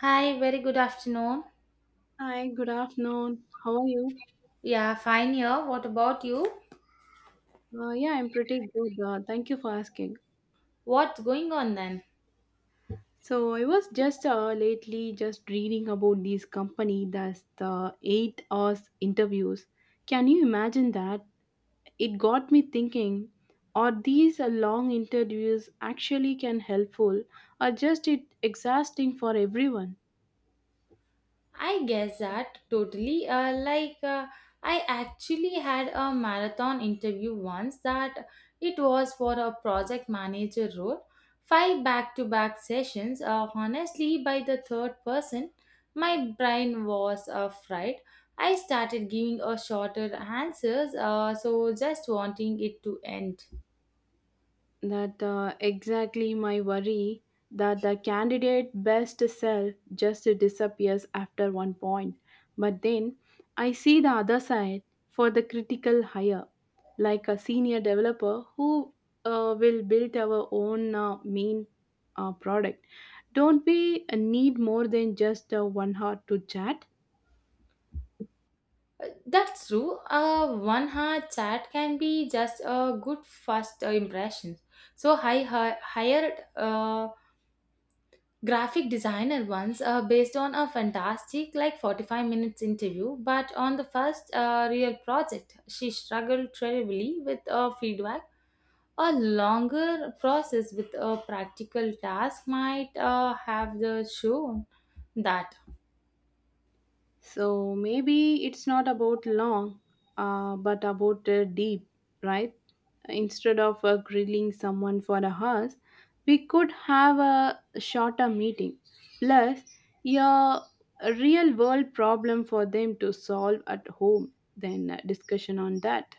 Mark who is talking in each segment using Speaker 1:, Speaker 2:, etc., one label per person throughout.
Speaker 1: Hi, very good afternoon.
Speaker 2: Hi, good afternoon. How are you?
Speaker 1: Yeah, fine here. What about you?
Speaker 2: Yeah, I'm pretty good. Thank you for asking.
Speaker 1: What's going on then?
Speaker 2: So I was just lately just reading about this company that's the 8 hours interviews. Can you imagine that? It got me thinking, are these long interviews actually can helpful or just it exhausting for everyone?
Speaker 1: I guess that totally. I actually had a marathon interview once that it was for a project manager role. Five back to back sessions. Honestly, by the third person, my brain was fried. I started giving a shorter answers, so just wanting it to end.
Speaker 2: That exactly my worry that the candidate best self just disappears after one point. But then I see the other side. For the critical hire, like a senior developer who will build our own main product, don't we need more than just 1 hour to chat?
Speaker 1: That's true. One hard chat can be just a good first impression. So I hired a graphic designer once based on a fantastic like 45 minutes interview, but on the first real project, she struggled terribly with feedback. A longer process with a practical task might have the shown that.
Speaker 2: So maybe it's not about long, but about deep, right? Instead of grilling someone for a house, we could have a shorter meeting. Plus, yeah, a real world problem for them to solve at home. Then discussion on that.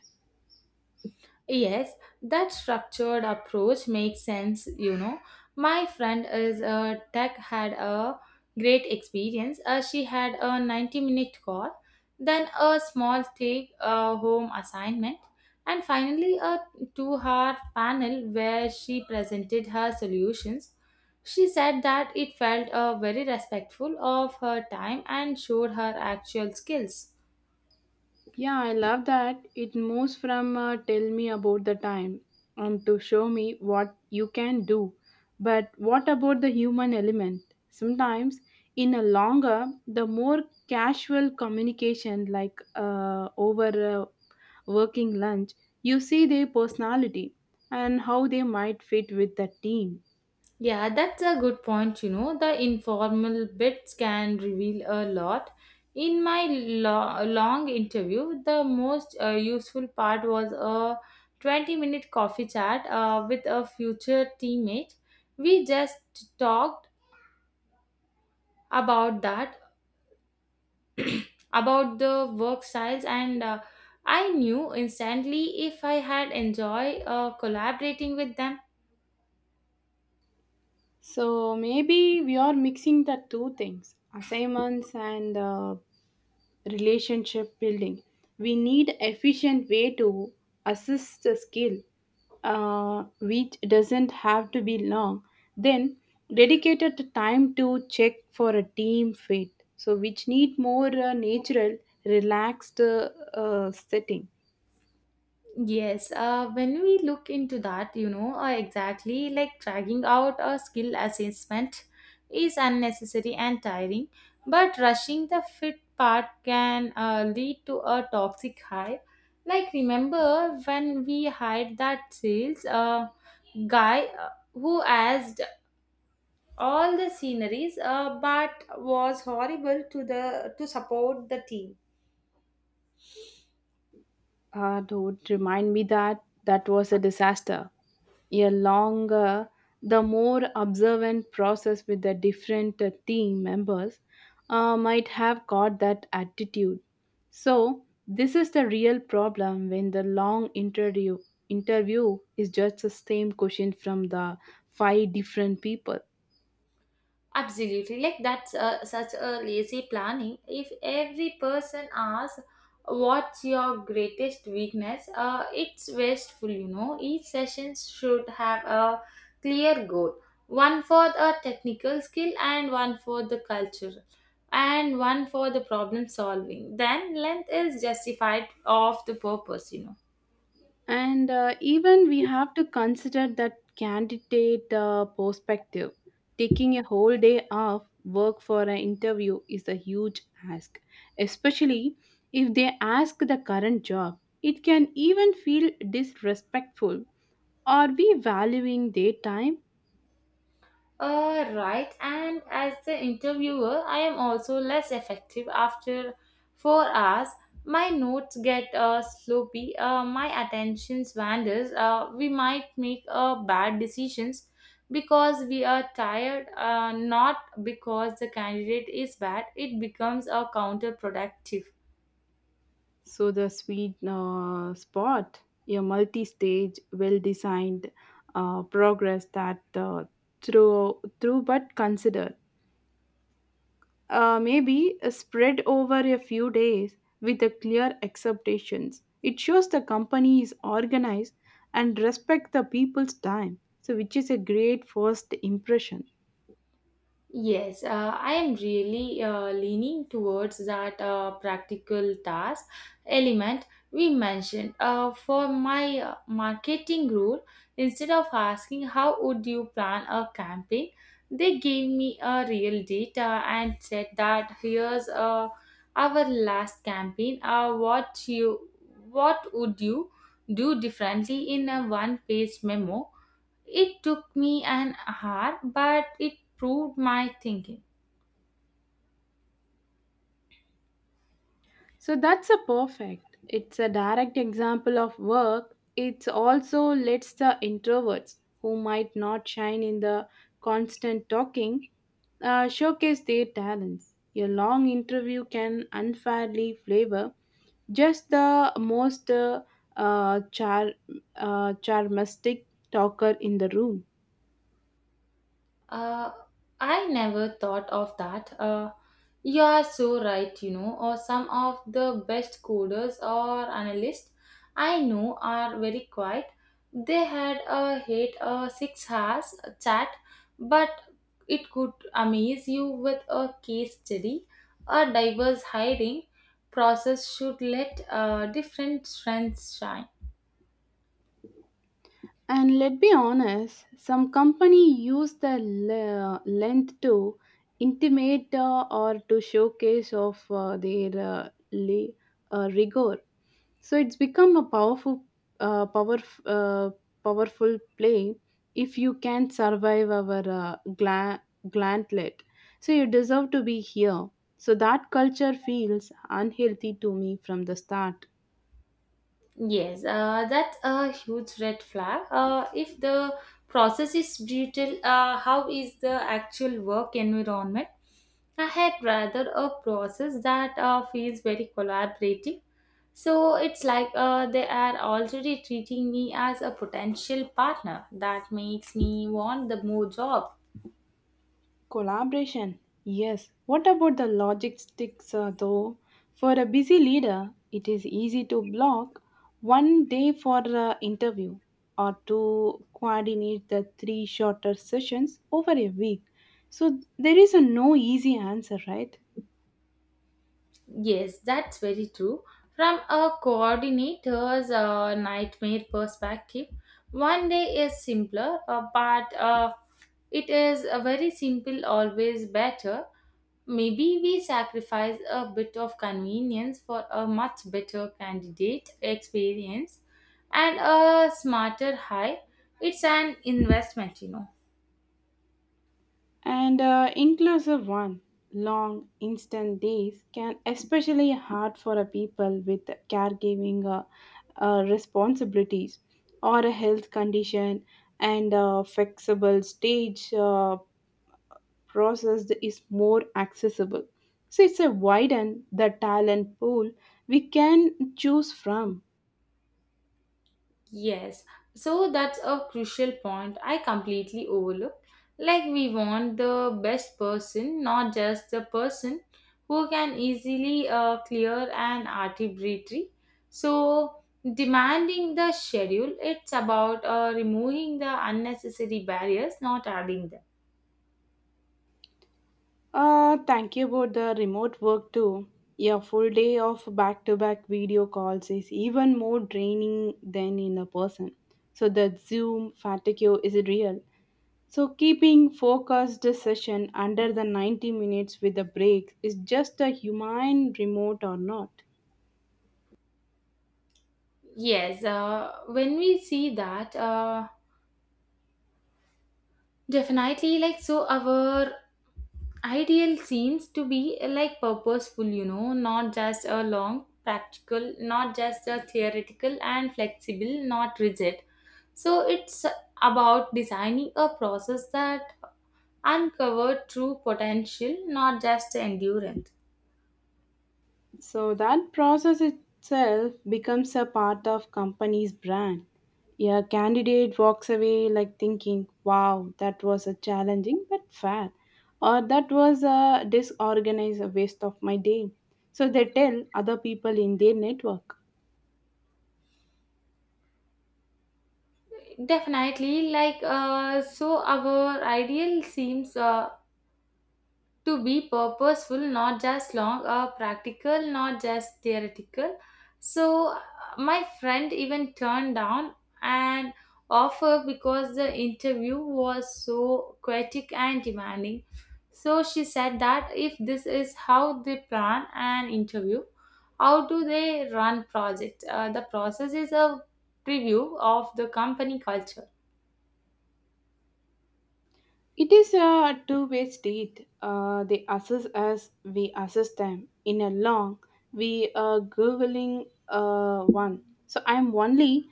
Speaker 1: Yes, that structured approach makes sense, My friend is a tech had a great experience. She had a 90-minute call, then a small take home assignment, and finally a 2 hour panel where she presented her solutions. She said that it felt very respectful of her time and showed her actual skills.
Speaker 2: Yeah, I love that. It moves from tell me about the time to show me what you can do. But what about the human element? Sometimes, in a longer, the more casual communication, like over working lunch, you see their personality and how they might fit with the team.
Speaker 1: Yeah, that's a good point. You know, the informal bits can reveal a lot. In my long interview, the most useful part was a 20-minute coffee chat with a future teammate. We just talked about that, about the work styles, and I knew instantly if I had enjoyed collaborating with them.
Speaker 2: So maybe we are mixing the two things assignments and relationship building. We need efficient way to assess the skill, which doesn't have to be long. Then dedicated time to check for a team fit, so which need more natural, relaxed setting.
Speaker 1: Yes, when we look into that, exactly like dragging out a skill assessment is unnecessary and tiring, but rushing the fit part can lead to a toxic high. Like, remember when we hired that sales guy who asked all the sceneries but was horrible to the to support the team.
Speaker 2: Ah, don't remind me, that that was a disaster. A longer, the more observant process with the different team members might have caught that attitude. So, this is the real problem when the long interview is just the same question from the five different people.
Speaker 1: Absolutely, like that's such a lazy planning. If every person asks, "What's your greatest weakness?" It's wasteful, Each session should have a clear goal: one for the technical skill, and one for the culture, and one for the problem solving. Then length is justified of the purpose,
Speaker 2: And even we have to consider that candidate perspective. Taking a whole day off work for an interview is a huge ask, especially if they ask the current job. It can even feel disrespectful. Are we valuing their time?
Speaker 1: Right, and as the interviewer, I am also less effective after 4 hours. My notes get sloppy, my attention wanders, we might make bad decisions because we are tired, not because the candidate is bad. It becomes counterproductive.
Speaker 2: So, the sweet spot, a multi stage, well designed progress that through but consider. Maybe spread over a few days with the clear acceptations. It shows the company is organized and respect the people's time, so which is a great first impression.
Speaker 1: Yes, I am really leaning towards that practical task element we mentioned. For my marketing rule, instead of asking how would you plan a campaign, they gave me a real data and said that here's our last campaign. What would you do differently in a one-page memo? It took me an hour, but it proved my thinking.
Speaker 2: So that's a perfect. It's a direct example of work. It also lets the introverts who might not shine in the constant talking showcase their talents. A long interview can unfairly flavor just the most uh, char- charmistic talker in the room.
Speaker 1: Uh, I never thought of that. You are so right, or some of the best coders or analysts I know are very quiet. They had a hate a 6 hours chat, but it could amaze you with a case study. A diverse hiring process should let different strengths shine.
Speaker 2: And let's be honest, some company use the length to intimate or to showcase of their rigor. So it's become a uh, power, uh, powerful play. If you can survive our gauntlet, so you deserve to be here. So that culture feels unhealthy to me from the start.
Speaker 1: Yes, that's a huge red flag. If the process is brutal, how is the actual work environment? I had rather a process that feels very collaborative. So it's like they are already treating me as a potential partner. That makes me want the more job.
Speaker 2: Collaboration, yes. What about the logistics, though? For a busy leader, it is easy to block one day for an interview or to coordinate the three shorter sessions over a week. So there is a no easy answer, right?
Speaker 1: Yes, that's very true. From a coordinator's nightmare perspective, one day is simpler, but it is a very simple, always better. Maybe we sacrifice a bit of convenience for a much better candidate experience and a smarter hire. It's an investment,
Speaker 2: And inclusive one, long instant days can especially hard for a people with caregiving responsibilities or a health condition and flexible stage process is more accessible. So it's a widen the talent pool we can choose from.
Speaker 1: Yes, so that's a crucial point I completely overlooked. Like, we want the best person, not just the person who can easily clear an arbitrary. So, demanding the schedule, it's about removing the unnecessary barriers, not adding them.
Speaker 2: Thank you about the remote work too. A full day of back to back video calls is even more draining than in a person. So the Zoom fatigue is real. So keeping focused session under the 90 minutes with a break is just a humane remote or not.
Speaker 1: Yes, when we see that, definitely, like, so our ideal scenes to be like purposeful, not just a long practical, not just a theoretical and flexible, not rigid, so it's about designing a process that uncover true potential, not just endurance.
Speaker 2: So that process itself becomes a part of company's brand. A candidate walks away like thinking, wow, that was a challenging but fair, or that was a disorganized waste of my day. So they tell other people in their network.
Speaker 1: Definitely like so our ideal seems to be purposeful, not just long or practical, not just theoretical. So my friend even turned down an offer because the interview was so chaotic and demanding. So she said that if this is how they plan an interview, how do they run project? The process is a preview of the company culture.
Speaker 2: It is a two-way street. They assess us, we assess them. In a long, we are Googling one. So I'm only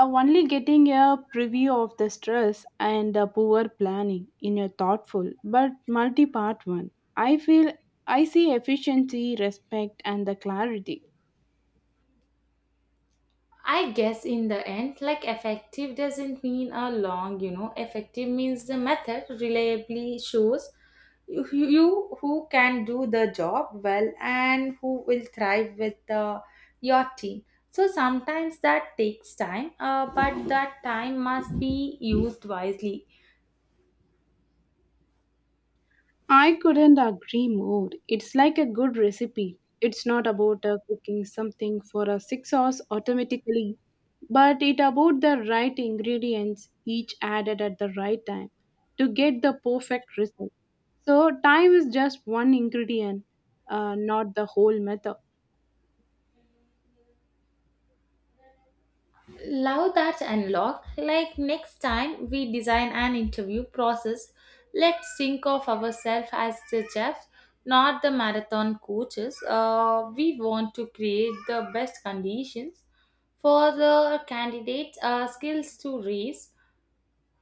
Speaker 2: uh, only getting a preview of the stress and the poor planning in a thoughtful but multi-part one. I feel I see efficiency, respect, and the clarity.
Speaker 1: I guess in the end, like effective doesn't mean a long, effective means the method reliably shows you, you who can do the job well and who will thrive with your team. So sometimes that takes time, but that time must be used wisely.
Speaker 2: I couldn't agree more. It's like a good recipe. It's not about cooking something for 6 hours automatically, but it about the right ingredients each added at the right time to get the perfect result. So time is just one ingredient, not the whole method.
Speaker 1: Love that unlocked. Like next time we design an interview process, let's think of ourselves as the chefs, not the marathon coaches. We want to create the best conditions for the candidates' skills to raise,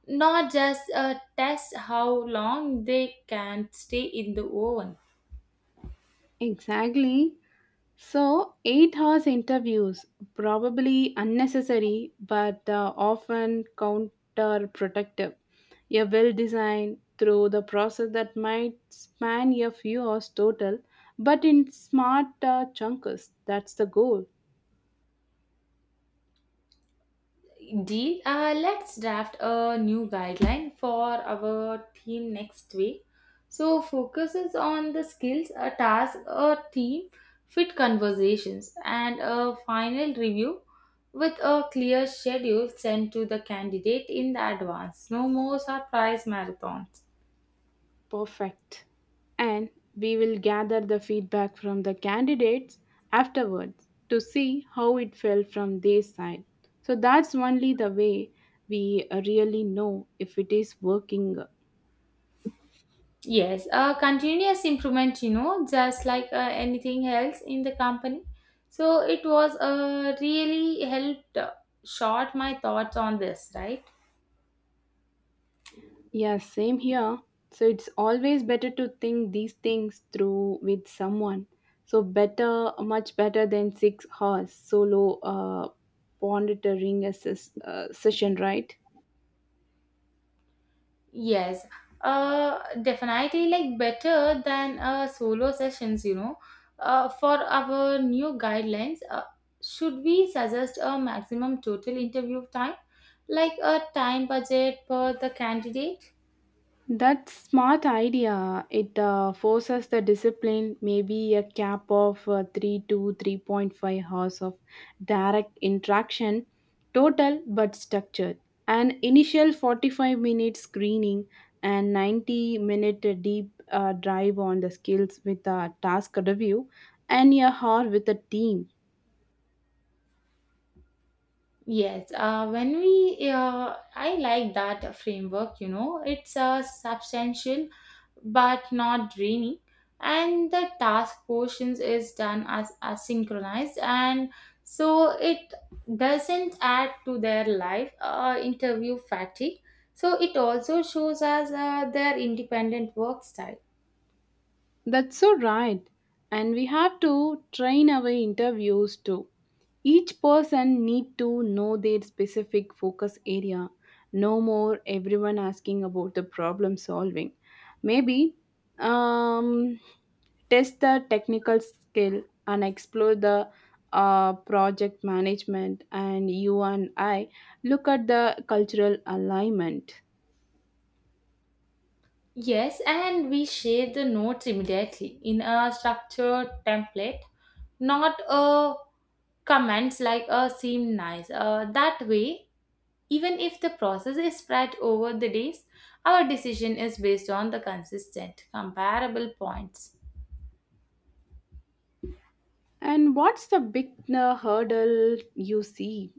Speaker 1: not just test how long they can stay in the oven.
Speaker 2: Exactly. So, 8 hours interviews, probably unnecessary but often counterproductive. A well designed through the process that might span a few hours total, but in smart chunks. That's the goal.
Speaker 1: Indeed, let's draft a new guideline for our theme next week. So, focuses on the skills, a task, a team, fit conversations, and a final review with a clear schedule sent to the candidate in advance. No more surprise marathons.
Speaker 2: Perfect. And we will gather the feedback from the candidates afterwards to see how it felt from their side. So that's only the way we really know if it is working.
Speaker 1: Yes, continuous improvement, just like anything else in the company. So it was really helped short my thoughts on this, right?
Speaker 2: Yeah, same here. So it's always better to think these things through with someone. So better, much better than 6 hours solo monitoring a session, right?
Speaker 1: Yes, definitely like better than solo sessions, For our new guidelines, should we suggest a maximum total interview time, like a time budget per the candidate?
Speaker 2: That smart idea. It forces the discipline, maybe a cap of 3 to 3.5 hours of direct interaction, total but structured. An initial 45-minute screening and 90-minute deep dive on the skills with a task review and a hour with a team.
Speaker 1: Yes, I like that framework, it's substantial but not draining, and the task portions is done as synchronized, and so it doesn't add to their life interview fatigue. So it also shows us their independent work style.
Speaker 2: That's so right. And we have to train our interviews too. Each person need to know their specific focus area. No more everyone asking about the problem solving. Maybe um, test the technical skill and explore the project management, and you and I look at the cultural alignment.
Speaker 1: Yes, and we share the notes immediately in a structured template, not a comments like seem nice. That way, even if the process is spread over the days, our decision is based on the consistent, comparable points.
Speaker 2: And what's the big hurdle you see?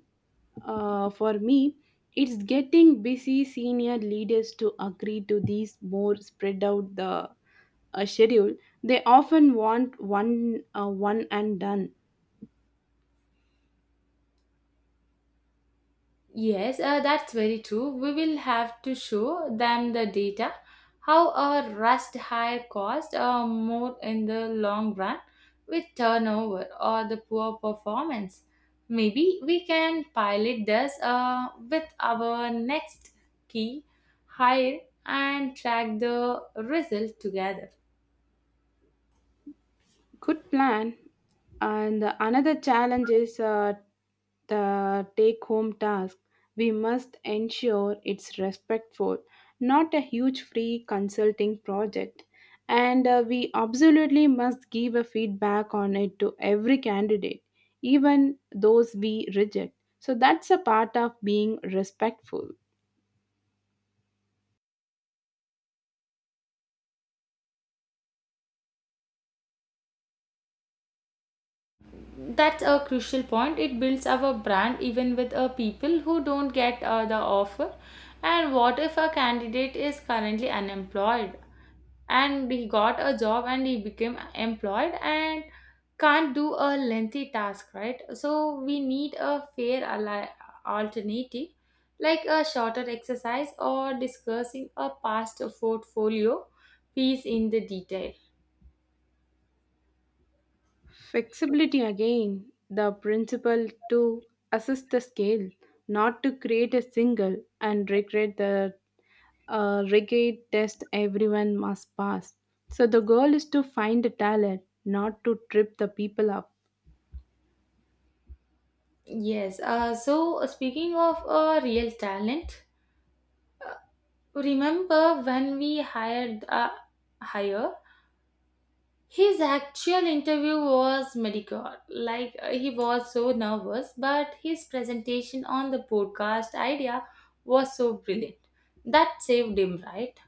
Speaker 2: For me, it's getting busy senior leaders to agree to these more spread out the schedule. They often want one and done.
Speaker 1: Yes, that's very true. We will have to show them the data how a rust higher cost more in the long run with turnover or the poor performance. Maybe we can pilot this with our next key hire and track the result together.
Speaker 2: Good plan. And another challenge is the take home task. We must ensure it's respectful, not a huge free consulting project. And we absolutely must give a feedback on it to every candidate, even those we reject. So that's a part of being respectful.
Speaker 1: That's a crucial point. It builds our brand even with people who don't get the offer. And what if a candidate is currently unemployed and he got a job and he became employed and can't do a lengthy task, right? So we need a fair alternative, like a shorter exercise or discussing a past portfolio piece in the detail.
Speaker 2: Flexibility again, the principle to assist the scale, not to create a single and regret the a rigid test everyone must pass. So the goal is to find the talent, not to trip the people up.
Speaker 1: Yes, so speaking of real talent. Remember when we hired hire? His actual interview was mediocre. Like he was so nervous, but his presentation on the podcast idea was so brilliant. That saved him, right?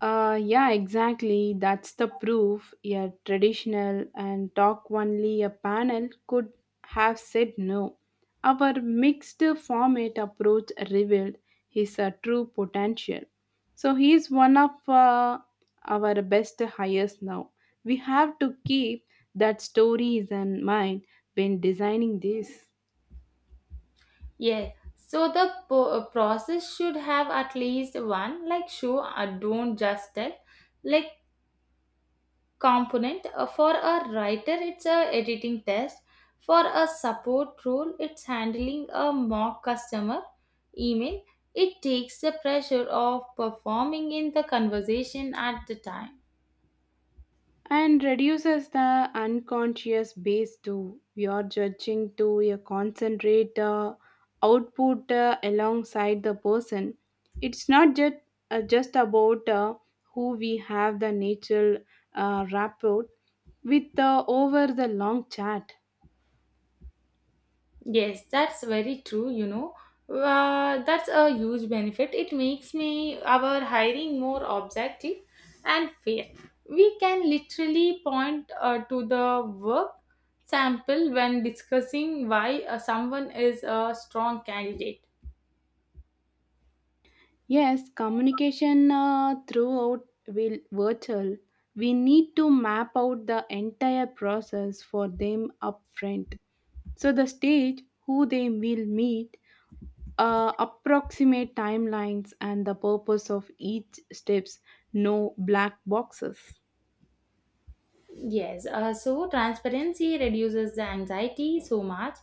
Speaker 2: Yeah, exactly. That's the proof. A traditional and talk only a panel could have said no. Our mixed format approach revealed his true potential. So he is one of our best hires now. We have to keep that stories in mind when designing this.
Speaker 1: Yeah. So the process should have at least one like show don't just tell. Like component. For a writer, it's a editing test. For a support role, it's handling a mock customer email. It takes the pressure of performing in the conversation at the time.
Speaker 2: And reduces the unconscious base too. We are judging to a concentrate output alongside the person. It's not just about who we have the natural rapport with over the long chat.
Speaker 1: Yes, that's very true, That's a huge benefit. It makes me our hiring more objective and fair. We can literally point to the work sample when discussing why someone is a strong candidate.
Speaker 2: Yes, communication throughout will virtual. We need to map out the entire process for them upfront. So the stage, who they will meet, approximate timelines and the purpose of each steps, no black boxes.
Speaker 1: Yes, so transparency reduces the anxiety so much.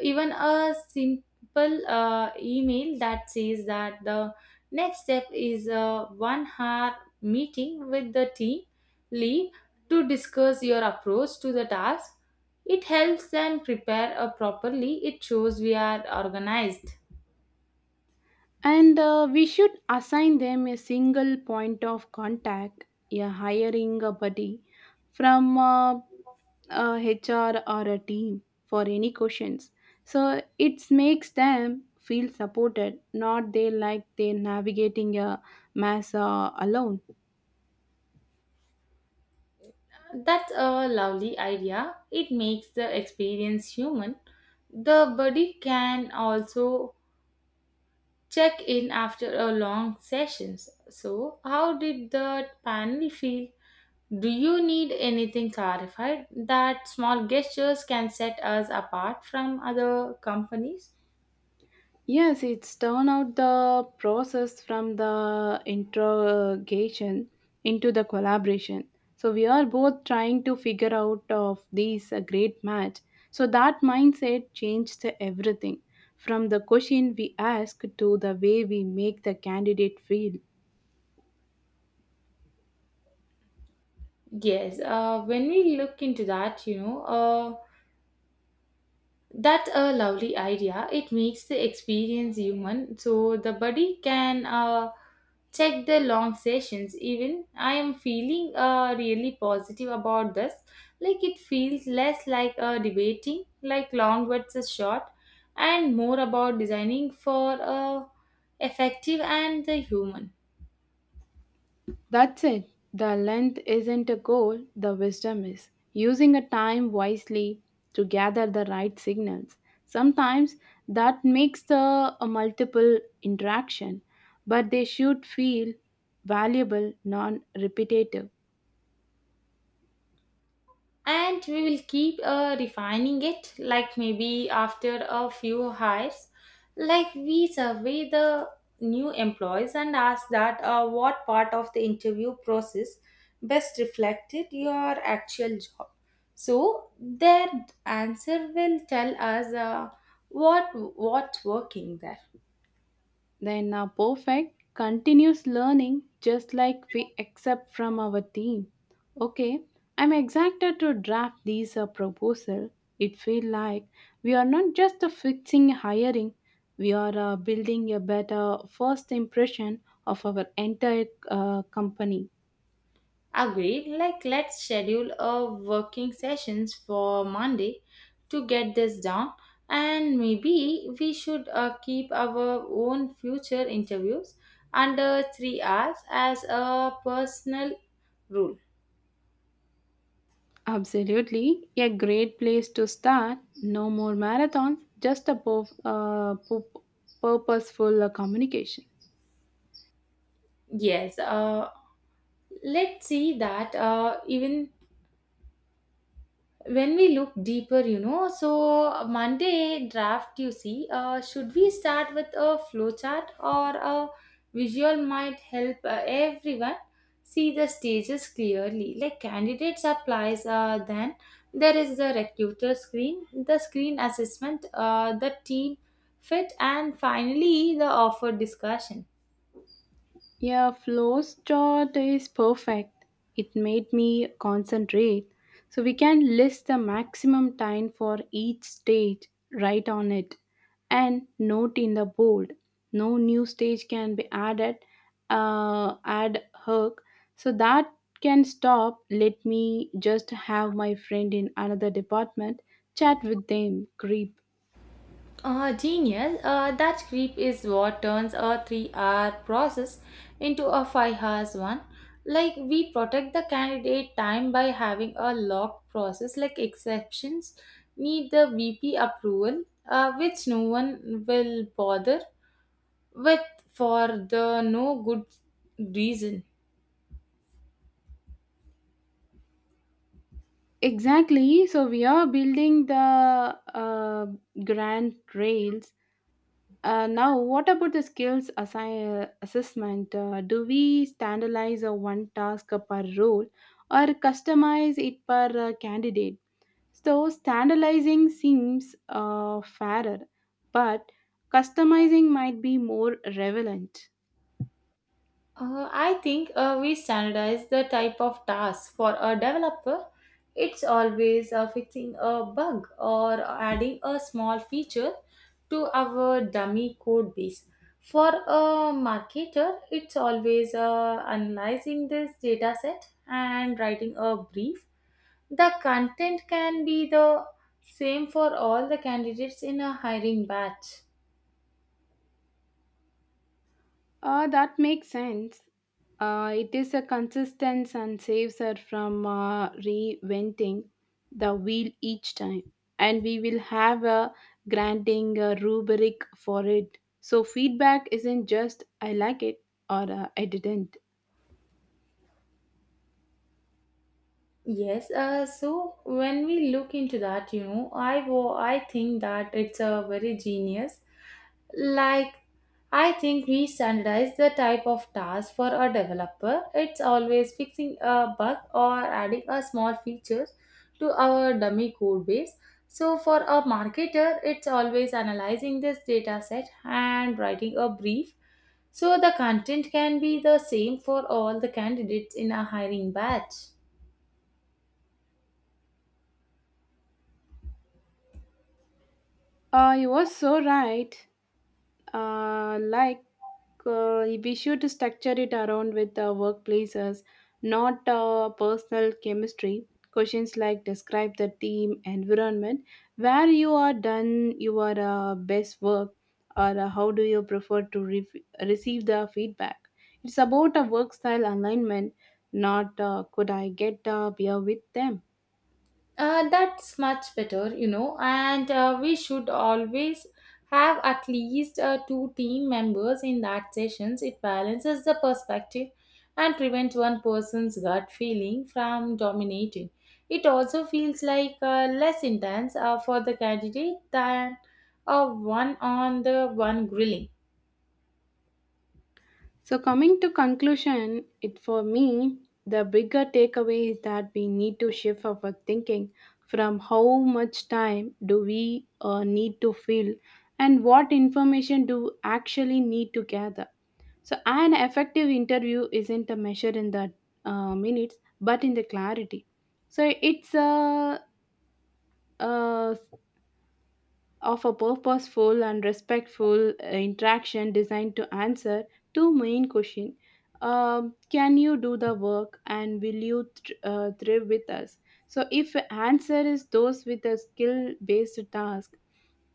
Speaker 1: Even a simple email that says that the next step is a 1 hour meeting with the team lead to discuss your approach to the task. It helps them prepare properly, it shows we are organized.
Speaker 2: And we should assign them a single point of contact, a hiring a buddy from a HR or a team for any questions. So it makes them feel supported, not they like they're navigating a mess alone.
Speaker 1: That's a lovely idea. It makes the experience human. The body can also check in after a long sessions. So, how did the panel feel? Do you need anything clarified that small gestures can set us apart from other companies?
Speaker 2: Yes, it's turn out the process from the interrogation into the collaboration. So we are both trying to figure out of these a great match. So that mindset changed everything from the question we ask to the way we make the candidate feel.
Speaker 1: Yes, when we look into that, that's a lovely idea. It makes the experience human, so the body can check the long sessions. Even I am feeling really positive about this. Like it feels less like debating, like long versus short, and more about designing for effective and the human.
Speaker 2: That's it. The length isn't a goal, the wisdom is. Using a time wisely to gather the right signals. Sometimes that makes the a multiple interaction, but they should feel valuable, non repetitive.
Speaker 1: And we will keep refining it, like maybe after a few hires, like we survey the new employees and ask that what part of the interview process best reflected your actual job, so their answer will tell us what what's working there.
Speaker 2: Then a perfect continuous learning just like we accept from our team. Okay, I'm excited to draft these a proposal. It feel like we are not just a fixing hiring, we are building a better first impression of our entire company.
Speaker 1: Agreed. Like let's schedule a working sessions for Monday to get this down, and maybe we should keep our own future interviews under 3 hours as a personal rule.
Speaker 2: Absolutely, a great place to start. No more marathons, just a purposeful communication.
Speaker 1: Yes, let's see that even when we look deeper, so Monday draft, you see, should we start with a flowchart or a visual? Might help everyone see the stages clearly, like candidates applies, then there is the recruiter screen, the screen assessment, the team fit, and finally the offer discussion.
Speaker 2: Yeah, Flo's chart is perfect. It made me concentrate. So we can list the maximum time for each stage. Write on it and note in the bold. No new stage can be added, add hook. So that can stop. Let me just have my friend in another department chat with them. Creep.
Speaker 1: Genius. That creep is what turns a three-hour process into a five-hours one. Like we protect the candidate time by having a locked process. Like exceptions need the VP approval, which no one will bother with for the no good reason.
Speaker 2: Exactly. So we are building the uh, grand rails. Now, what about the skills assessment? Do we standardize a one task per role or customize it per candidate? So, standardizing seems fairer, but customizing might be more relevant.
Speaker 1: I think we standardize the type of task for a developer. It's always fixing a bug or adding a small feature to our dummy code base. For a marketer, it's always analyzing this data set and writing a brief. The content can be the same for all the candidates in a hiring batch.
Speaker 2: That makes sense. It is a consistence and saves her from reinventing the wheel each time. And we will have a granting rubric for it. So feedback isn't just I like it, or I didn't.
Speaker 1: Yes, so when we look into that, I think that it's a very genius. Like, I think we standardize the type of task for a developer. It's always fixing a bug or adding a small features to our dummy code base. So for a marketer, it's always analyzing this data set and writing a brief. So the content can be the same for all the candidates in a hiring batch.
Speaker 2: You were so right. uh, like be sure to structure it around with workplaces, not personal chemistry. Questions like describe the team environment where you are done your best work, or how do you prefer to receive the feedback. It's about a work style alignment, not could I get beer with them.
Speaker 1: That's much better, and we should always have at least two team members in that sessions. It balances the perspective and prevents one person's gut feeling from dominating. It also feels like less intense for the candidate than a one on the one grilling.
Speaker 2: So coming to conclusion, it for me the bigger takeaway is that we need to shift our thinking from how much time do we need to fill and what information do actually need to gather. So an effective interview isn't a measure in the minutes but in the clarity. So it's uh of a purposeful and respectful interaction designed to answer two main questions. Can you do the work and will you thrive with us? So, if answer is those with a skill based task,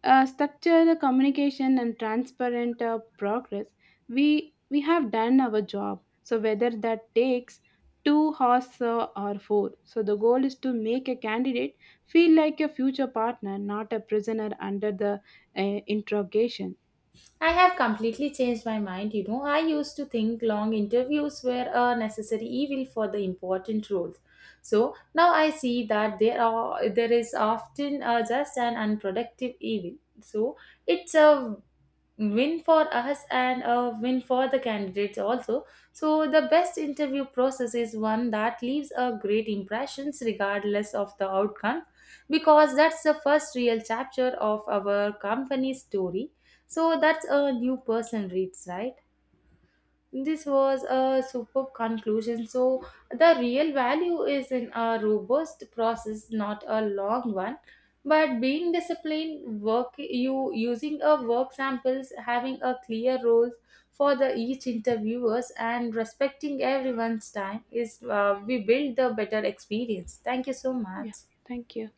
Speaker 2: structure the communication and transparent progress. We have done our job, so whether that takes 2 hours or 4, so the goal is to make a candidate feel like a future partner, not a prisoner under the interrogation.
Speaker 1: I have completely changed my mind. You know, I used to think long interviews were a necessary evil for the important roles. So now I see that there is often just an unproductive evil. So it's a win for us and a win for the candidates also. So the best interview process is one that leaves a great impressions regardless of the outcome, because that's the first real chapter of our company's story. So that's a new person reads, right? This was a superb conclusion. So, the real value is in a robust process, not a long one. But being disciplined, work you using a work samples, having a clear roles for the each interviewers, and respecting everyone's time, is we build the better experience. Thank you so much.
Speaker 2: Yeah, thank you.